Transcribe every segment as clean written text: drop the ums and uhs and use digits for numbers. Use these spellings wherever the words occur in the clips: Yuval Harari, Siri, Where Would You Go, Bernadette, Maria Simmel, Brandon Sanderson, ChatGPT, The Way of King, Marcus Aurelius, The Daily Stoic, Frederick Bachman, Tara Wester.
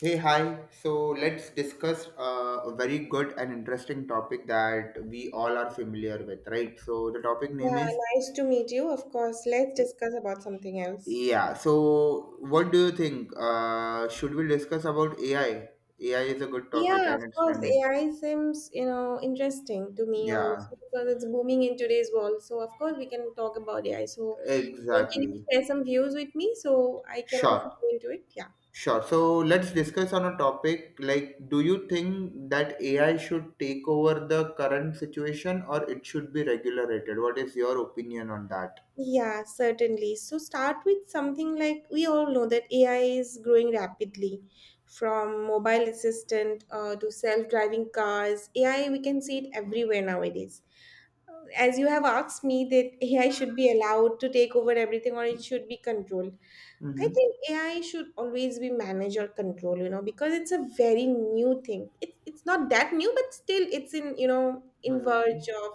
Hey, hi. So let's discuss a very good and interesting topic that we all are familiar with, right? So the topic name Yeah, is nice to meet you. Of course, let's discuss about something else. yeah. So what do you think? Should we discuss about AI? AI is a good topic Yeah, of and it's course. trending. AI seems, you know, interesting to me Yeah, also because it's booming in today's world. So of course we can talk about AI. So can you exactly. share some views with me so I can also Sure, go into it? Yeah. sure. So let's discuss on a topic like, do you think that AI should take over the current situation or it should be regulated? What is your opinion on that? Yeah, certainly. So start with something like we all know that AI is growing rapidly from mobile assistant to self-driving cars. AI, we can see it everywhere nowadays. As you have asked me that AI should be allowed to take over everything or it should be controlled. I Mm-hmm. think AI should always be managed or controlled, you know, because it's a very new thing. It's not that new, but still it's in, you know, in Mhm, verge of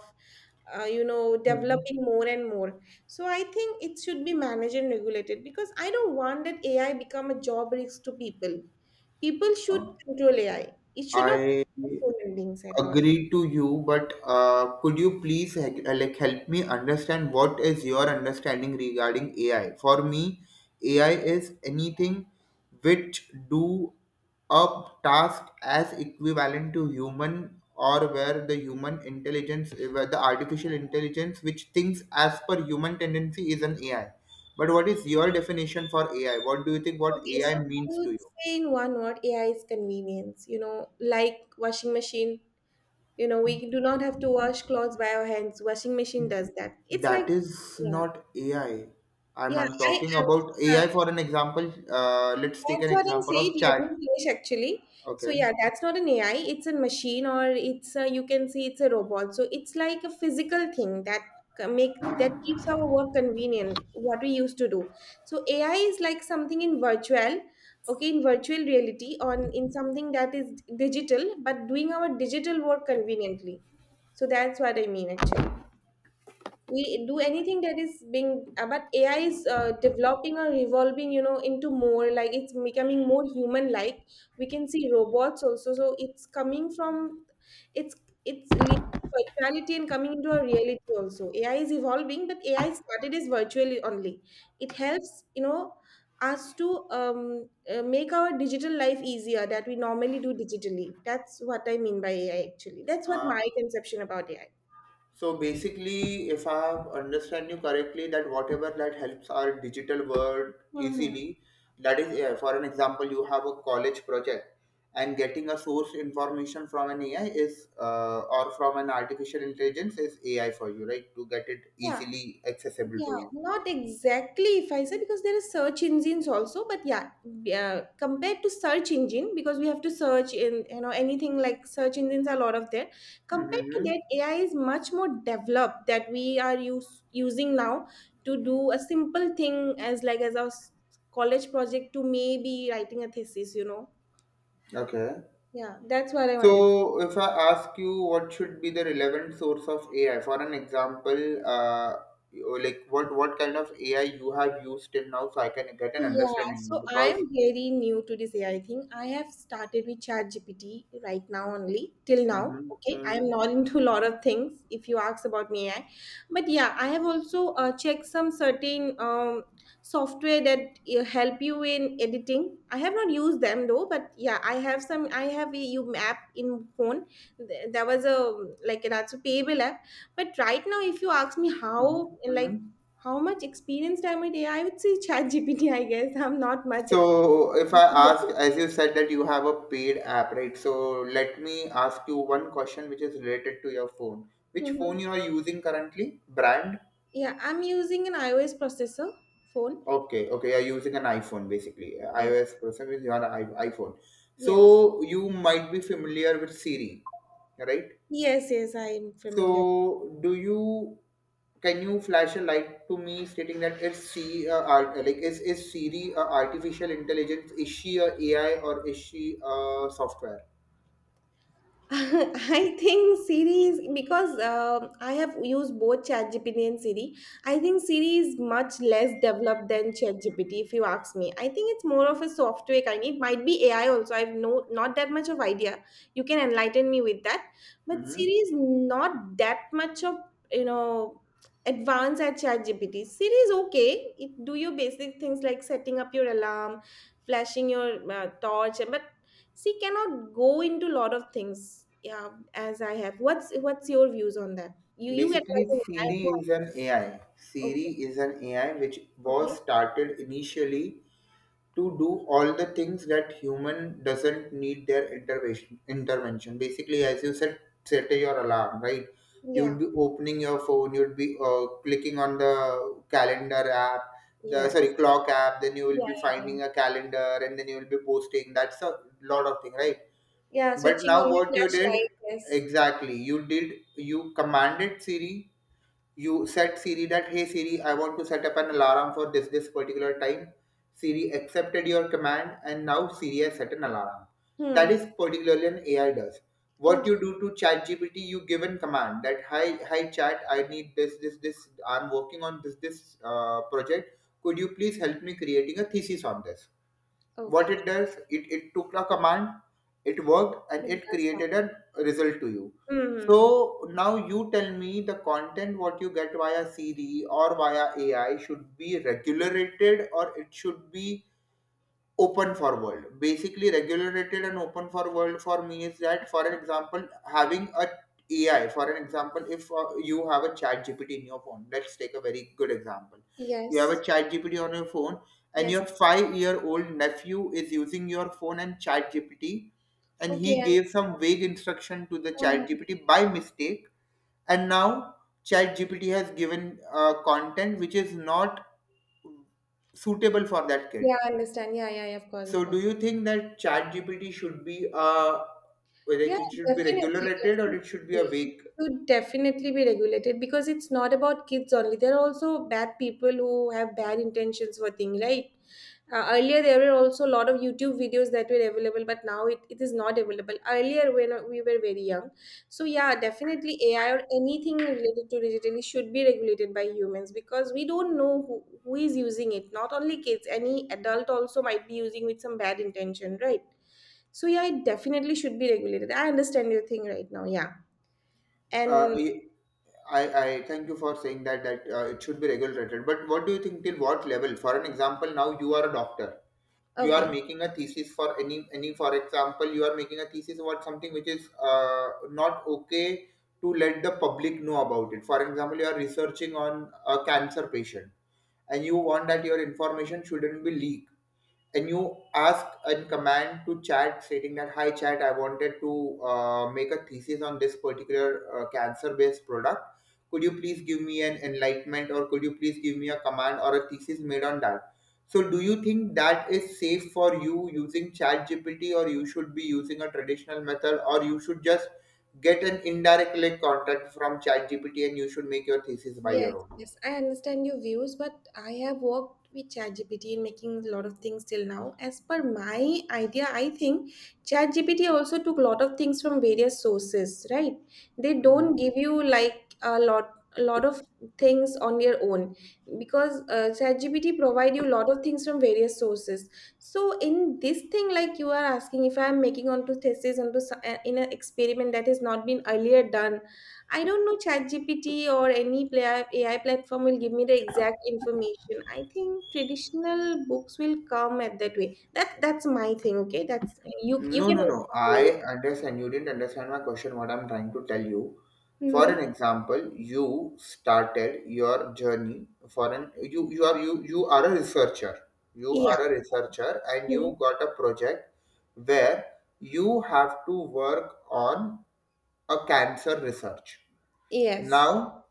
you know, mhm. developing more and more. So I think it should be managed and regulated because I don't want that AI become a job risk to people. People should Uh, control AI. It should not I be human beings at all. agree to you, but could you please like help me understand what is your understanding regarding AI? For me, AI is anything which do a task as equivalent to human or where the human intelligence, where the artificial intelligence which thinks as per human tendency is an AI. But what is your definition for AI? What do you think what Okay, so AI I means would to you? say in one word, AI is convenience. You know, like washing machine. You know, we do not have to wash clothes by our hands. Washing machine does that. It's like, That is yeah, not AI. I'm, yeah. I'm I, talking I about yeah. AI for an example. Let's take That's an what I'm example saying. of Let me chat. finish actually. So Okay. yeah, that's not an AI. It's a machine, or it's a, you can say it's a robot. So it's like a physical thing that make that keeps our work convenient. What we used to do. So AI is like something in virtual, okay, in virtual reality, on in something that is digital, but doing our digital work conveniently. So that's what I mean actually we do anything that is being but AI is developing or evolving, you know, into more like it's becoming more human like. We can see robots also, so it's coming from it's it's leaving virtuality and coming into a reality also. AI is evolving, but AI started as virtually only. It helps, you know, us to make our digital life easier that we normally do digitally. That's what I mean by AI actually. That's what Uh, my conception about AI. so basically, if I have understand you correctly, that whatever that helps our digital world Hmm. easily, that is AI. For an example, you have a college project, and getting a source information from an AI is, or from an artificial intelligence is AI for you, right? To get it Yeah. easily accessible Yeah, for you. not exactly if I say because there are search engines also, but yeah, yeah, compared to search engine because we have to search in, you know, anything like search engines are a lot of there. Compared to Mm-hmm. that, AI is much more developed that we are using now to do a simple thing as like as our college project to maybe writing a thesis. You know, Okay. yeah, that's what I wanted. So, if I ask you what should be the relevant source of AI, for an example, uh, like what kind of AI you have used till now, so I can get an Yeah, understanding so I am because. very new to this AI thing. I have started with ChatGPT right now only till now. Mhm, Okay, I mhm, am not into a lot of things if you ask about me AI, but yeah, I have also checked some certain software that help you in editing. I have not used them though, but yeah, I have some. I have a U app in phone. There was a like that's a payable app, but right now if you ask me mhm, how like mhm. how much experienced am I? Yeah, I would say ChatGPT, I guess. I'm not much experienced So, if I with ask, it. as you said that you have a paid app, right? So, let me ask you one question which is related to your phone. Which phone Mhm. you are using currently? Brand? Yeah, I'm using an iOS processor phone. Okay, okay, you're using an iPhone basically. Yes, iOS processor is your iPhone. yes, So you might be familiar with Siri, right? yes, yes, I am familiar. So do you can you flash a light to me stating that like is Siri a artificial intelligence? Is she a AI or is she a software? I think Siri is because I have used both ChatGPT and Siri. I think Siri is much less developed than ChatGPT, if you ask me. I think it's more of a software kind. It might be AI also. I've no not that much of idea. You can enlighten me with that. But Hmm. Siri is not that much of, you know, advanced at ChatGPT. Siri is okay. It do your basic things like setting up your alarm, flashing your torch, but she cannot go into lot of things. Yeah, as I have, what's your views on that? You Basically, enlighten me, I have Siri no is idea. an AI. Siri Okay, is an AI which was okay, started initially to do all the things that human doesn't need their intervention basically. As you said, set your alarm, right? You yeah, would be opening your phone, you would be clicking on the calendar app. The sorry yes, clock app, then you will yeah, be yeah, yeah, finding a calendar and then you will be posting. That's a lot of thing, right? yeah, But switching now on the what you did flashlight, yes. exactly, you did, you commanded Siri. You set Siri that, hey Siri, I want to set up an alarm for this particular time. Siri accepted your command and now Siri has set an alarm. That Hmm. is particularly an AI does. What you Okay, do to ChatGPT, you give an command that hi chat, I need this. I'm working on this project. Could you please help me creating a thesis on this? What okay. it does it, it took a command, it worked and Hmm, it that's created fine. a result to you. Hmm, hmm, hmm. So now you tell me the content what you get via Siri or via AI should be regulated or it should be open for world. Basically, regulated and open for world for me is that. For an example, having a AI, for an example, if you have a chat gpt in your phone, let's take a very good example. You have Yes, a chat gpt on your phone and yes, your 5 year old nephew is using your phone and chat gpt and he okay and gave some vague instruction to the uh, chat gpt by mistake, and now chat gpt has given content which is not suitable for that kid. yeah, I understand, yeah, yeah, yeah, of course, of So do course. you think that ChatGPT should be Yeah, like it should be definitely, regulated or it should be a definitely. It vague? should definitely be regulated because it's not about kids only. There are also bad people who have bad intentions for things, right? Earlier there were also a lot of YouTube videos that were available, but now it is not available earlier when we were very young. So yeah, definitely AI or anything related to digitally should be regulated by humans because we don't know who is using it. Not only kids, any adult also might be using with some bad intention, right? So yeah, it definitely should be regulated. I understand your thing right now. Yeah, uh, and I thank you for saying that that it should be regulated. But what do you think till what level? For an example, now you are a doctor. You are okay. making a thesis for any for example, you are making a thesis about something which is not okay to let the public know about it. For example, you are researching on a cancer patient and you want that your information shouldn't be leaked, and you ask a command to chat stating that hi chat, I wanted to make a thesis on this particular cancer based product. Could you please give me an enlightenment or could you please give me a command or a thesis made on that? So do you think that is safe for you using chat gpt or you should be using a traditional method or you should just get an indirect link contact from chat gpt and you should make your thesis by Yes, your own? yes, I understand your views, but I have worked with ChatGPT in making a lot of things till now. As per my idea, I think ChatGPT also took a lot of things from various sources, right? They don't Mhm. give you like a lot of things on your own because ChatGPT provide you a lot of things from various sources. So in this thing, like you are asking, if I am making onto thesis onto in an experiment that has not been earlier done, I don't know ChatGPT or any AI platform will give me the exact information. I think traditional books will come at that way. That that's my thing. Okay, that's you. You No, can. no, no. I understand. You didn't understand my question, what I'm trying to tell you. For an Mm-hmm. example, you started your journey for an you are a researcher. You Yeah. are a researcher and Mhm. you got a project where you have to work on a cancer research. Yes. Now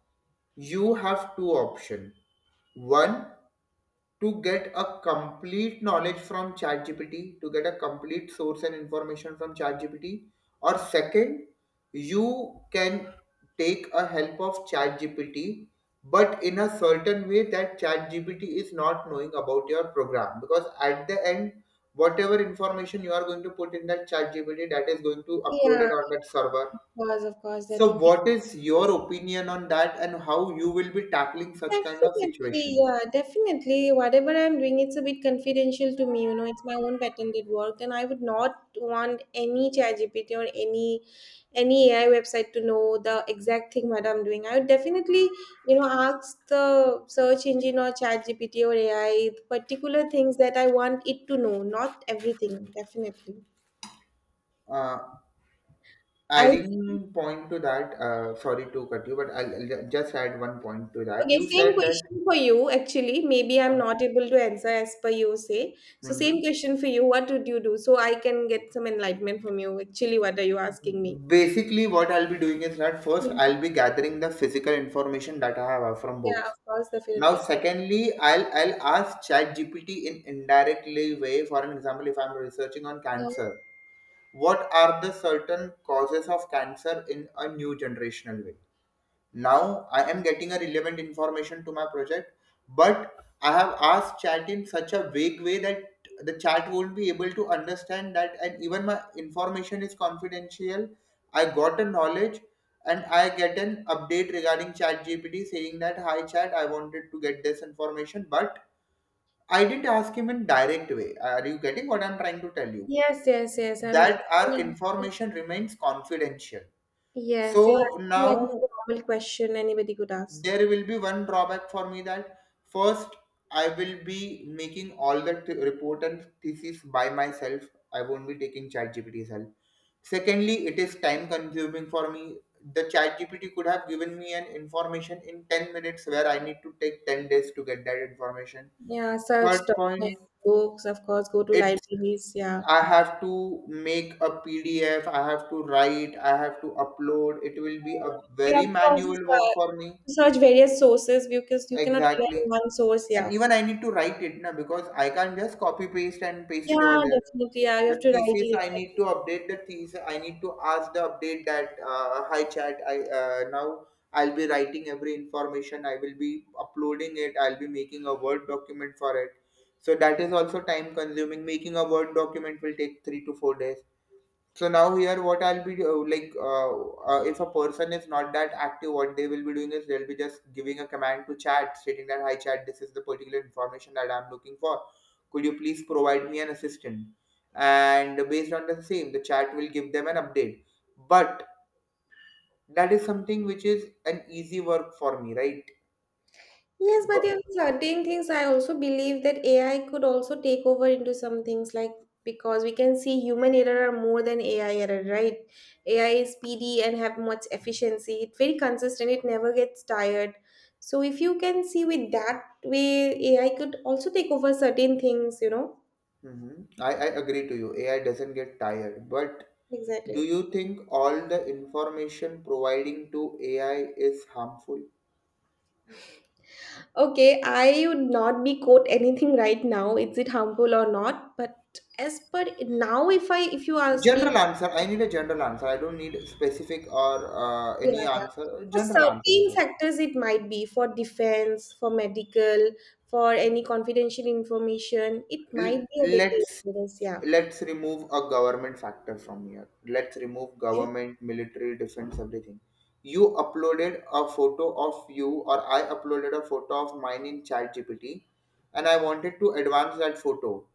you have two options. One, to get a complete knowledge from ChatGPT, to get a complete source and information from ChatGPT, or second, you can take a help of ChatGPT, but in a certain way that ChatGPT is not knowing about your program. Because at the end, whatever information you are going to put in that ChatGPT, that is going to upload Yeah. it on that server. Of course. Of course. That So, would be what is your opinion on that, and how you will be tackling such kind of definitely, situations? yeah, definitely. Whatever I'm doing, it's a bit confidential to me, you know, it's my own patented work, and I would not want any ChatGPT or any AI website to know the exact thing what I'm doing. I would definitely, you know, ask the search engine or ChatGPT or AI particular things that I want it to know, not everything, definitely. Uh, I adding point to that sorry to cut you but I'll just add one point to that okay, you same said that question for you actually. Maybe I'm uh, not able to answer as per you say. So mhm. same question for you. What would you do? So I can get some enlightenment from you. Actually, what are you asking me? Basically what I'll be doing is that first Mhm. I'll be gathering the physical information that I have from Yeah, of books. course, Now definitely. secondly I'll ask ChatGPT in indirectly way. For an example, if I'm researching on Yeah. cancer, what are the certain causes of cancer in a new generational way. Now I am getting a relevant information to my project, but I have asked chat in such a vague way that the chat won't be able to understand that, and even my information is confidential. I got a knowledge and I get an update regarding chat GPT saying that hi chat, I wanted to get this information, but I didn't ask him in direct way. Are you getting what I'm trying to tell you? Yes, yes, yes. I'm getting. That our information remains confidential. Yes, you're So asking me now a normal question anybody could ask. there will be one drawback for me that first I will be making all the report and thesis by myself. I won't be taking ChatGPT's help. Secondly, it is time consuming for me. The ChatGPT could have given me an information in 10 minutes where I need to take 10 days to get that information. Yeah, search Third point, documents, books, of course, go to it's libraries. Yeah. I have to make a PDF, I have to write, I have to upload. It will be a You have very to also manual work for me. search various sources because you cannot rely Exactly. on one source. And Yeah. even I need to write it now because I can't just copy paste and paste it Yeah, over there. definitely. I The have to write thesis it I need exactly. to update the thesis. I need to ask the update that hi chat. I now I'll be writing every information. I will be uploading it. I'll be making a word document for it. So that is also time consuming. Making a word document will take 3 to 4 days. So now here, what I'll like, if a person is not that active, what they will be doing is they'll be just giving a command to chat, stating that hi chat, this is the particular information that I'm looking for. Could you please provide me an assistant? And based on the same, the chat will give them an update. But that is something which is an easy work for me, right? Yes, but But there are certain things, I also believe that AI could also take over into some things like because we can see human error are more than AI error, right? AI is speedy and have much efficiency. It's very consistent. It never gets tired. So if you can see with that way, AI could also take over certain things, you know? mhm. I agree to you. AI doesn't get tired. But do Exactly. you think all the information providing to AI is harmful? Okay, I would not be quote anything right now. Is it harmful or not? But as per now, if you ask me, General answer. I need a general answer. I don't need specific or yeah, any answer. for General answer is certain okay. sectors it might be for defense, for medical, for any confidential information, it L- might be a bit let's dangerous. Yeah, let's remove a government factor from here. Let's remove yeah, government, military, defense, everything. You uploaded a photo of you, or I uploaded a photo of mine in ChatGPT, and I wanted to advance that photo.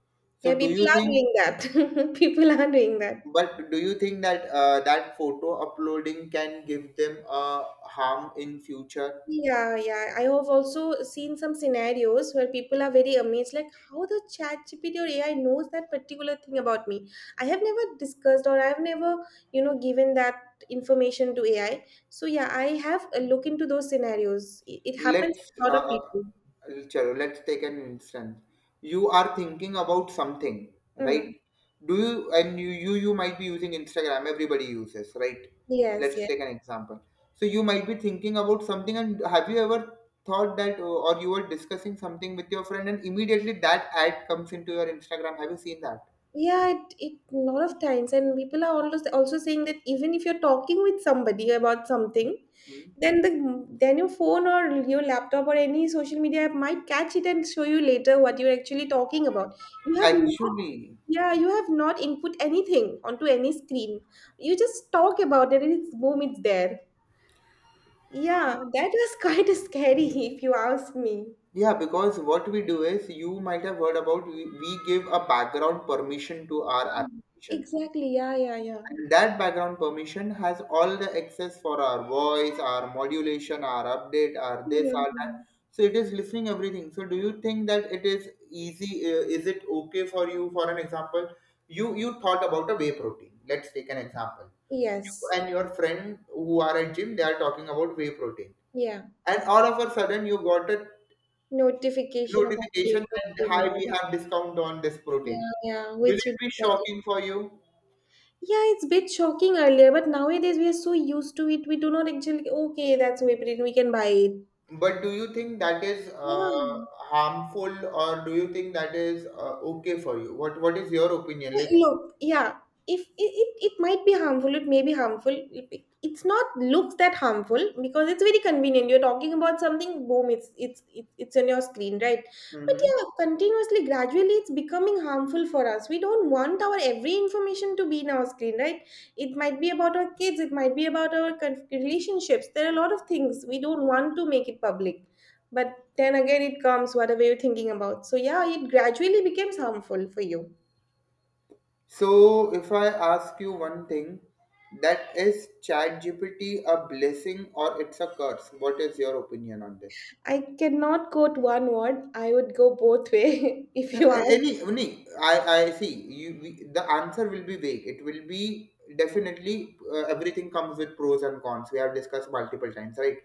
So, yeah. do People you are think? doing that. people are doing that. But do you think that that photo uploading can give them a harm in future? Yeah, yeah. I have also seen some scenarios where people are very amazed, like how the chat GPT or AI knows that particular thing about me. I have never discussed or I've never, you know, given that information to AI. So yeah, I have a look into those scenarios. It happens Let's to a lot of people. चलो, let's take an instance. You are thinking about something, Mm. right? Do you and you you You might be using Instagram. Everybody uses, right? Yes, Let's yes. take an example. So you might be thinking about something, and have you ever thought that, or you were discussing something with your friend, and immediately that ad comes into your Instagram? Have you seen that? Yeah, it lot of times, and people are always also saying that even if you're talking with somebody about something, Hmm. then then your phone or your laptop or any social media app might catch it and show you later what you're actually talking about. You have not, Actually, yeah, you have not input anything onto any screen. You just talk about it, and it's boom, it's there. Yeah, that was quite scary if you ask me. yeah, because what we do is you might have heard about we give a background permission to our applications. Exactly. Yeah, yeah, yeah. And that background permission has all the access for our voice, our modulation, our update, our this, Yeah. our that. So it is listening everything. So do you think that it is easy? Is it okay for you? For an example, you thought about a whey protein. Let's take an example. You Yes. and your friend who are at gym, they are talking about whey protein, Yeah. and all of a sudden you got a Notification about notification that makeover, hi, about we have discount on this protein. yeah, yeah, Will which it would be be better. shocking for you? Yeah, it's a bit shocking earlier, but nowadays we are so used to it, we do not actually okay, that's whipped we can buy it. But do you think that is Yeah. harmful, or do you think that is okay for you? What is your opinion? Like, Look, yeah, if it might be harmful, it may be harmful. It- it's not looks that harmful because it's very convenient. You're talking about something, boom, it's on your screen, right? But hmm yeah, continuously, gradually, it's becoming harmful for us. We don't want our every information to be in our screen, right? It might be about our kids, it might be about our relationships. There are a lot of things we don't want to make it public. But then again, it comes whatever you're thinking about. So yeah, it gradually becomes harmful for you. so if I ask you one thing, that is ChatGPT a blessing or it's a curse? What is your opinion on this? I cannot quote one word. I would go both way if Uh, you ask me. Any, any, I, I see. The answer will be vague. It will be definitely everything comes with pros and cons. We have discussed multiple times, right?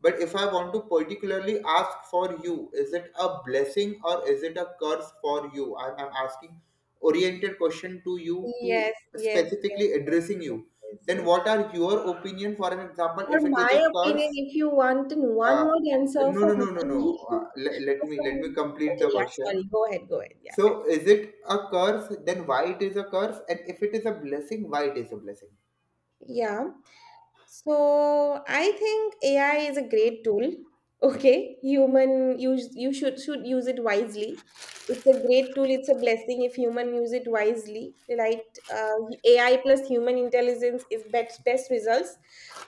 But if I want to particularly ask for you, is it a blessing or is it a curse for you? I'm asking oriented question to you to Yes, yes, yes, specifically addressing you. yes, Then yes. what yes. are your opinion? For an example, For if it is a my opinion, curse, if you want in one uh, word answer no, for no, no, no, me, no. Uh, le- let for me let me someone, complete okay, the yeah, question, sorry, go ahead, yeah, so definitely. is it a curse? Then why it is a curse? And if it is a blessing, why it is a blessing? Yeah. So I think AI is a great tool. Okay, human use you should use it wisely. It's a great tool. It's a blessing if human use it wisely. Right, AI plus human intelligence is best results.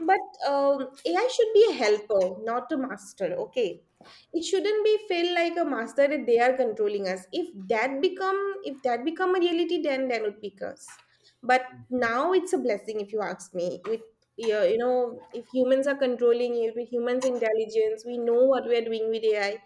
But AI should be a helper, not a master. Okay, it shouldn't be feel like a master that they are controlling us. If that become a reality, then it would be curse. But now it's a blessing if you ask me. With yeah, you know, if humans are controlling it, with humans' intelligence, we know what we are doing with AI.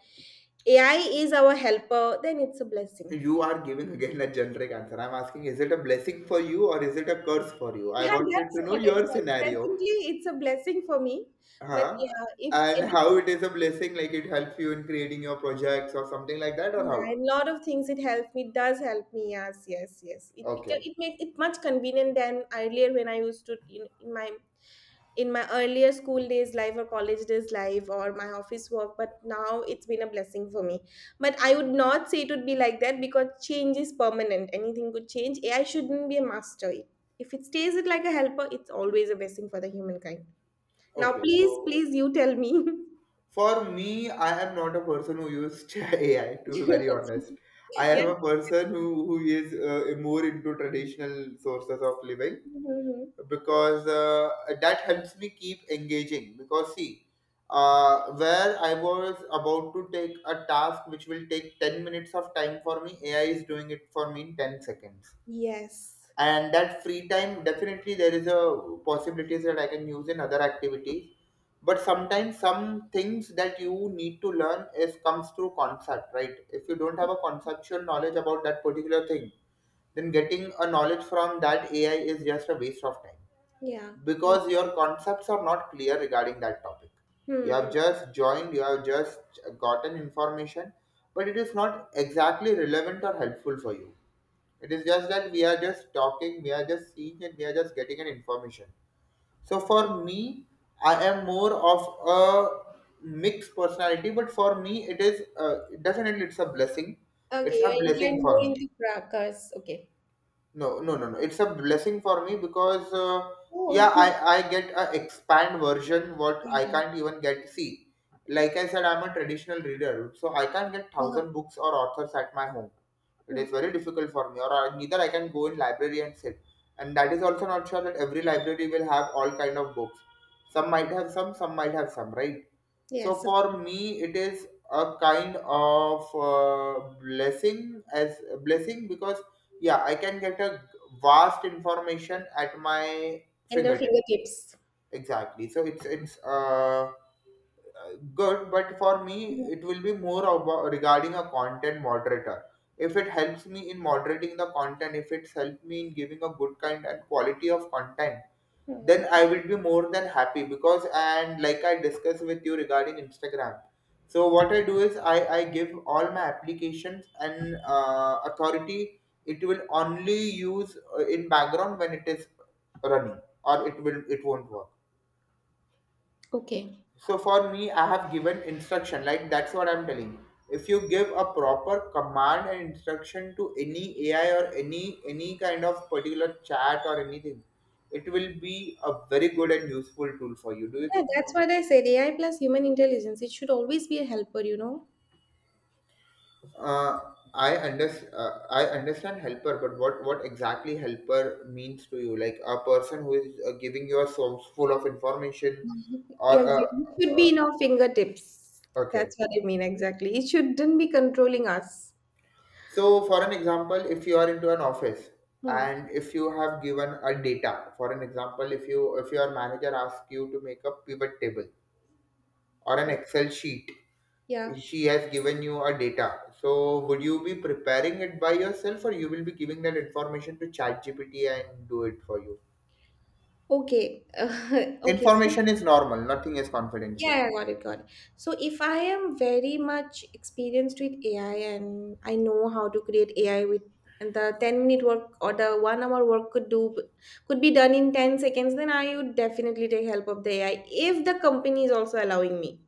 AI is our helper, then it's a blessing. You are giving again a generic answer. I'm asking, is it a blessing for you or is it a curse for you? Yeah, I wanted that's to know what I your said. scenario. Presently, it's a blessing for me. But Huh? yeah, if And how anything, it is a blessing, like it helps you in creating your projects or something like that, or yeah, a how? lot of things it helps me, does help me. Yes, yes, yes. It beca- Okay. it makes it much convenient than earlier when I used to in my in my earlier school days life or college days life or my office work, but now it's been a blessing for me. But I would not say it would be like that because change is permanent. Anything could change. AI shouldn't be a master. If it stays it like a helper, it's always a blessing for the humankind. Now Okay. please So please you tell me. for me, I am not a person who uses AI, to be very honest. I Yeah. am a person who is more into traditional sources of living Mhm. because that helps me keep engaging because see where I was about to take a task which will take 10 minutes of time for me, AI is doing it for me in 10 seconds. Yes. And that free time, definitely there is a possibilities that I can use in other activities. But sometimes some things that you need to learn is comes through concept, right? If you don't have a conceptual knowledge about that particular thing, then getting a knowledge from that AI is just a waste of time Yeah, you're because your concepts are not clear regarding that topic. right. Hmm. Hmm. You have just gotten information, but it is not exactly relevant or helpful for you. It is just that we are just talking, we are just seeing, and we are just getting an information. So for me, I am more of a mixed personality, but for me it is definitely it's a blessing. Okay, It's you're a blessing inclined for more me. into crackers. Okay. No, no, no, no. It's a blessing for me because Oh. yeah, I get a expand version what I can't Yes. even get see. Like I said, I'm a traditional reader, so I can't get Uh, 1,000 books or authors at my home. It hmm. is very difficult for me, or neither I can go in library and sit. And that is also not sure that every library will have all kind of books. Some might have some might have some, right? So Yes. for me, it is a kind of blessing as blessing because yeah, I can get a vast information at my And the fingertip. fingertips. Exactly. So it's good, but for me it will be more about regarding a content moderator. If it helps me in moderating the content, if it's helped me in giving a good kind and quality of content, then Mhm. I will be more than happy because and like I discussed with you regarding Instagram. So what I do is I give all my applications and authority it will only use in background when it is running or it won't work. Okay. So for me, I have given instruction. Like that's what I'm telling. If you give a proper command and instruction to any AI or any kind of particular chat or anything, it will be a very good and useful tool for you. Do you Yeah, think that's so? what I said. AI plus human intelligence. It should always be a helper, Uh, I under uh, I understand helper, but what exactly helper means to you? Like a person who is giving you a source full of information, or Yeah, exactly. It should uh, be in our fingertips. okay. That's what I mean exactly. It shouldn't be controlling us. So, for an example, if you are into an office Hmm. and if you have given a data, for an example, if your manager asks you to make a pivot table or an Okay. Excel sheet, Yeah. she has given you a data. So, would you be preparing it by yourself, or you will be giving that information to ChatGPT and do it for you? Okay. Okay. So Information is normal; nothing is yeah, confidential. yeah, got it, got it. So if I am very much experienced with AI and I know how to create AI with and the 10-minute work or the 1 hour work could do could be done in 10 seconds, then I would definitely take help of the AI if the company is also allowing me.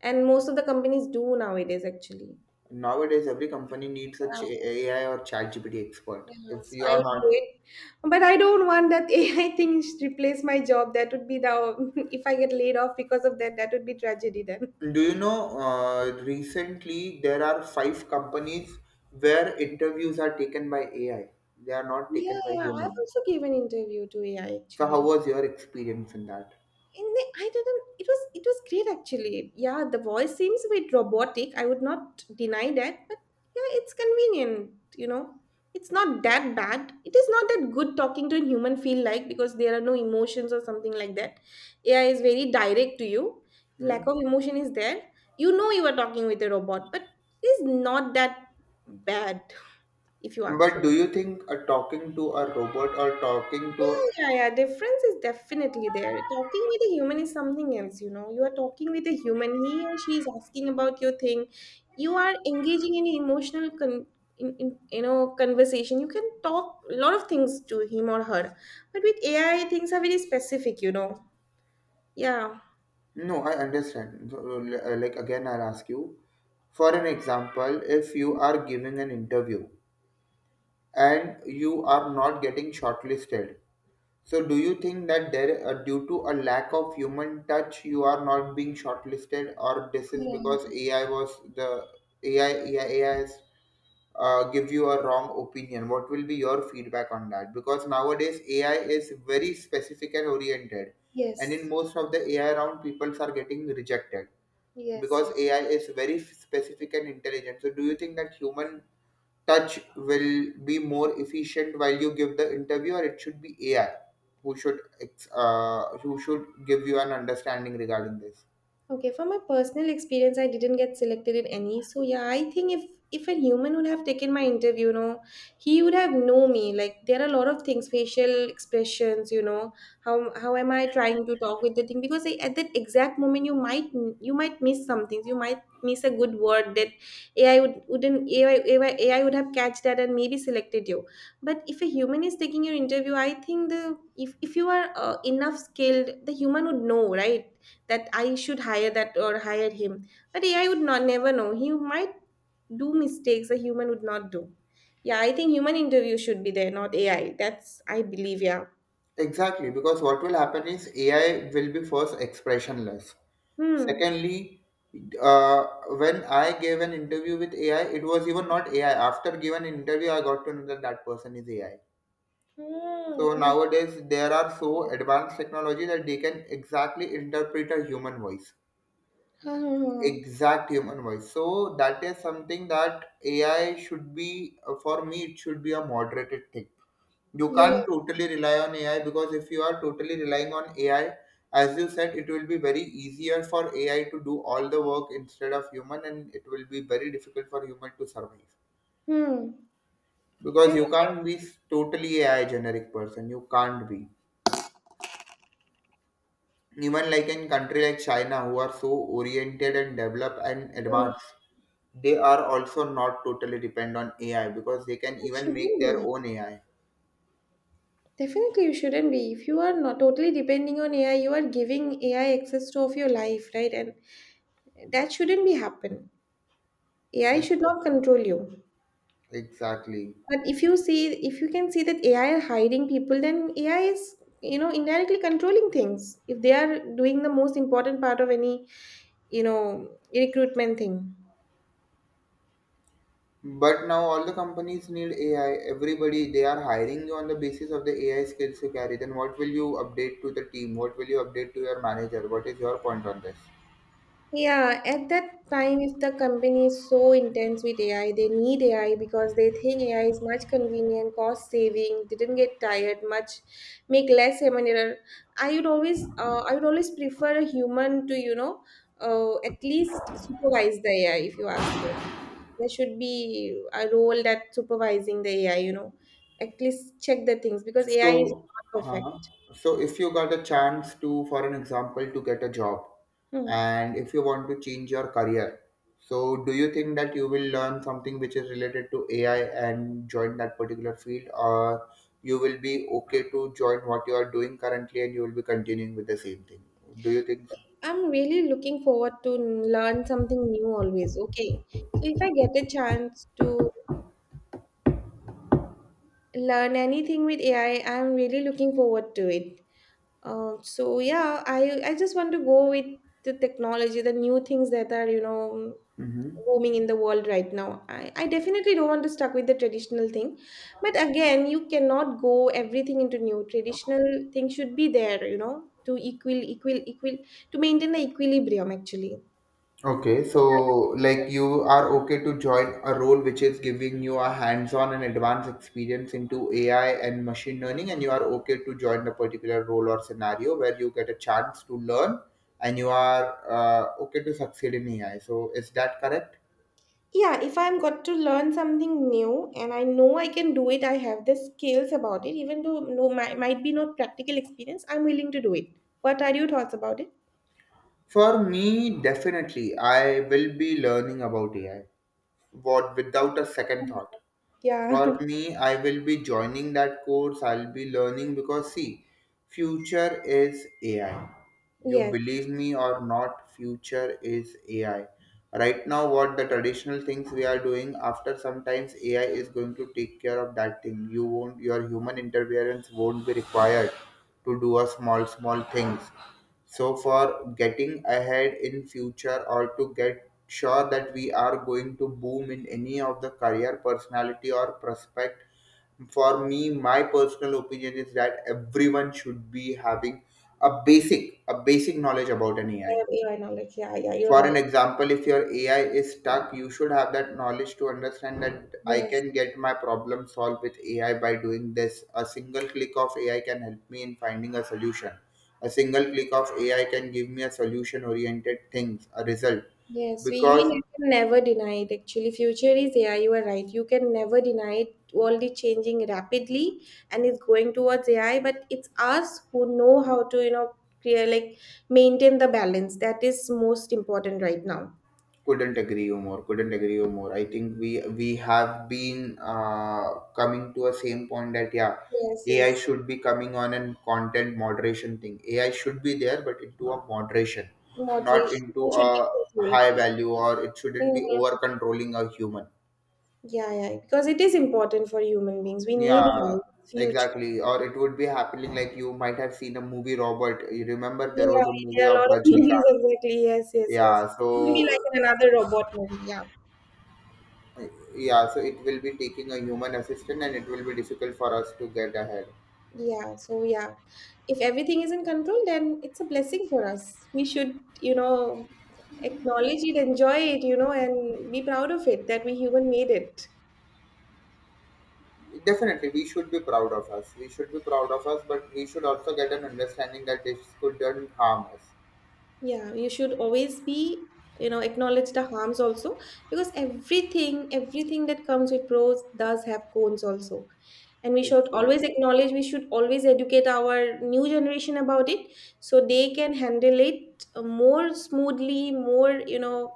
And most of the companies do nowadays actually. Nowadays, every company needs a Yeah, AI or ChatGPT expert. yeah, If so you I are would do not. it. But I don't want that AI thing replace my job. That would be the if I get laid off because of that, that would be tragedy then. Do you know, recently there are five companies where interviews are taken by AI. They are not Yeah, taken by yeah. I've human. also given interview to AI So how actually. was your experience in that? In the, I didn't. It was great actually. Yeah, the voice seems a bit robotic. I would not deny that, but yeah, it's convenient. It's not that bad. It is not that good talking to a human feel like because there are no emotions or something like that. AI is very direct to you. Lack Hmm? of emotion is there. You know you are talking with a robot, but it is not that bad if you ask But me. do you think talking to a robot or talking to. Yeah, yeah, difference is definitely there. Talking with a human is something else, You are talking with a human, he or she is asking about your thing. You are engaging in emotional con- in, conversation. You can talk a lot of things to him or her. But with AI, things are very specific, Yeah. No, I understand. So, like again, I'll ask you. For an example, if you are giving an interview and you are not getting shortlisted, so do you think that there, due to a lack of human touch, you are not being shortlisted, or this is Yeah. because AI was the AI has give you a wrong opinion? What will be your feedback on that? Because nowadays AI is very specific and oriented, and in Yes. most of the AI round, people are getting rejected Yes. because Yes. AI is very specific and intelligent. So, do you think that human touch will be more efficient while you give the interview, or it should be AI who should who should give you an understanding regarding this? Okay, from my personal experience, I didn't get selected in any. So yeah, I think if a human would have taken my interview, he would have known me. Like there are a lot of things, facial expressions, how am I trying to talk with the thing? Because I, at that exact moment, you might miss some things. You might miss a good word that AI would wouldn't AI, AI, AI would have catch that and maybe selected you. But if a human is taking your interview, I think the if you are enough skilled, the human would know, right? That I should hire that or hire him. But AI would not never know. He might do mistakes a human would not do. Yeah, I think human interview should be there, not AI. That's I believe. Yeah. Exactly, because what will happen is AI will be first expressionless. Hmm. Secondly, uh, when I gave an interview with AI, it was even not AI. After giving an interview, I got to know that that person is AI. Hmm. So Oh my nowadays, there are so God. advanced technology that they can exactly interpret a human voice, Hmm. exact human voice. So that is something that AI should be for me it should be a moderated thing. You can't totally rely on AI because if you are totally relying on AI, as you said, it will be very easier for AI to do all the work instead of human, and it will be very difficult for human to survive Hmm. because you can't be totally AI generic person. You can't be, even like in country like China who are so oriented and developed and Hmm. advanced, they are also not totally depend on AI because they can It even shouldn't make their be. own AI. Definitely, you shouldn't be. If you are not totally depending on AI, you are giving AI access to of your life, right? And that shouldn't be happen. AI Ex- should not control you. Exactly. But if you see, if you can see that AI are hiring people, then AI is, indirectly controlling things. If they are doing the most important part of any, recruitment thing. But now all the companies need AI. Everybody they are hiring you on the basis of the AI skills you carry. Then what will you update to the team? What will you update to your manager? What is your point on this? Yeah, at that time, if the company is so intense with AI, they need AI because they think AI is much convenient, cost saving, didn't get tired much, make less human error. I would always prefer a human to, at least supervise the AI if you ask me. There should be a role that supervising the AI, at least check the things because AI is So, not uh, perfect. so if you got a chance to, for an example, to get a job, Hmm. and if you want to change your career, so do you think that you will learn something which is related to AI and join that particular field, or you will be okay to join what you are doing currently and you will be continuing with the same thing? Do you think so? I'm really looking forward to learn something new always. Okay. So if I get a chance to learn anything with AI, I'm really looking forward to it. So yeah, I just want to go with the technology, the new things that are, Mm-hmm. booming in the world right now. I definitely don't want to stuck with the traditional thing. But again, you cannot go everything into new. Traditional thing should be there, to equal, to maintain the equilibrium actually. Okay, so like you are okay to join a role which is giving you a hands-on and advanced experience into AI and machine learning, and you are okay to join a particular role or scenario where you get a chance to learn and you are okay to succeed in AI. So is that correct? Yeah, if I'm got to learn something new and I know I can do it, I have the skills about it, even though no might be not practical experience, I'm willing to do it. What are your thoughts about it? For me, definitely, I will be learning about AI. What without a second Mhm. thought. Yeah. For me, I will be joining that course, I'll be learning because see, future is AI. You Yes. believe me or not, future is AI. Right now, what the traditional things we are doing, after sometimes AI is going to take care of that thing. Your human interference won't be required to do a small, small things, so for getting ahead in future or to get sure that we are going to boom in any of the career personality or prospect, for me my personal opinion is that everyone should be having a basic knowledge about an AI. Yeah, yeah, knowledge. Yeah, yeah, you're For right. an example, if your AI is stuck, you should have that knowledge to understand that I Yes. can get my problem solved with AI by doing this. A single click of AI can help me in finding a solution. A single click of AI can give me a solution oriented things, a result. Yes, we Because ne- can never deny it. Actually, future is AI. You are right. You can never deny it. World is changing rapidly and it's going towards AI. But it's us who know how to, create like maintain the balance. That is most important right now. couldn't agree you more, couldn't agree you more. I think we have been coming to a same point that yeah, Yes, AI yes. should be coming on, and content moderation thing AI should be there but into a moderation, not Moderation into should a be controlled. high value, or it shouldn't be over Mhm. controlling a human. Yeah, yeah. Because it is important for human beings. We need Yeah, it. Future. exactly. Or it would be happening like you might have seen a movie Robot, you remember Yeah, there was a movie there are a of lot of movies Rajnikant. exactly. Yes, yes, yes. Yeah, so It will be like in another robot movie. Yeah. Uh, yeah, so it will be taking a human assistant and it will be difficult for us to get ahead. Yeah, so yeah, if everything is in control, then it's a blessing for us. We should, acknowledge it, enjoy it, and be proud of it that we human made it. Definitely, we should be proud of us. We should be proud of us, but we should also get an understanding that this couldn't harm us. Yeah, you should always be, acknowledge the harms also because everything that comes with pros does have cons also. And we should always Exactly. acknowledge, we should always educate our new generation about it so they can handle it more smoothly, more,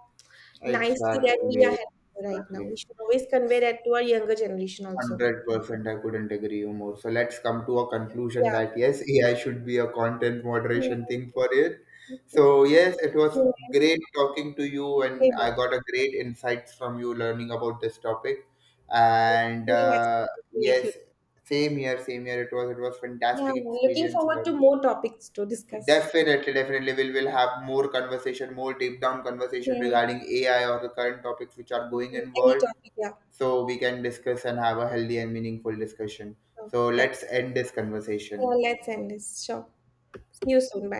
nicely that we are Exactly. having right now. We Exactly. should always convey that to our younger generation also. 100%, I couldn't agree you more. So let's come to a conclusion Yeah. that yes, AI should be a content Yeah. moderation thing for it. Yeah. So yes, it was great talking to you, Same and I here. got a great insights from you learning about this topic. And Very nice talking with you. yes, same year, same year. It was Yeah, fantastic looking experience forward to learn. more topics to discuss. Definitely, definitely, we'll will have more conversation, more deep down conversation Yeah, regarding AI or the current topics which are going in any world, topic. Yeah, so we can discuss and have a healthy and meaningful discussion. sure. So That's- let's end this conversation. yeah, let's end this. Sure. See you soon. Bye.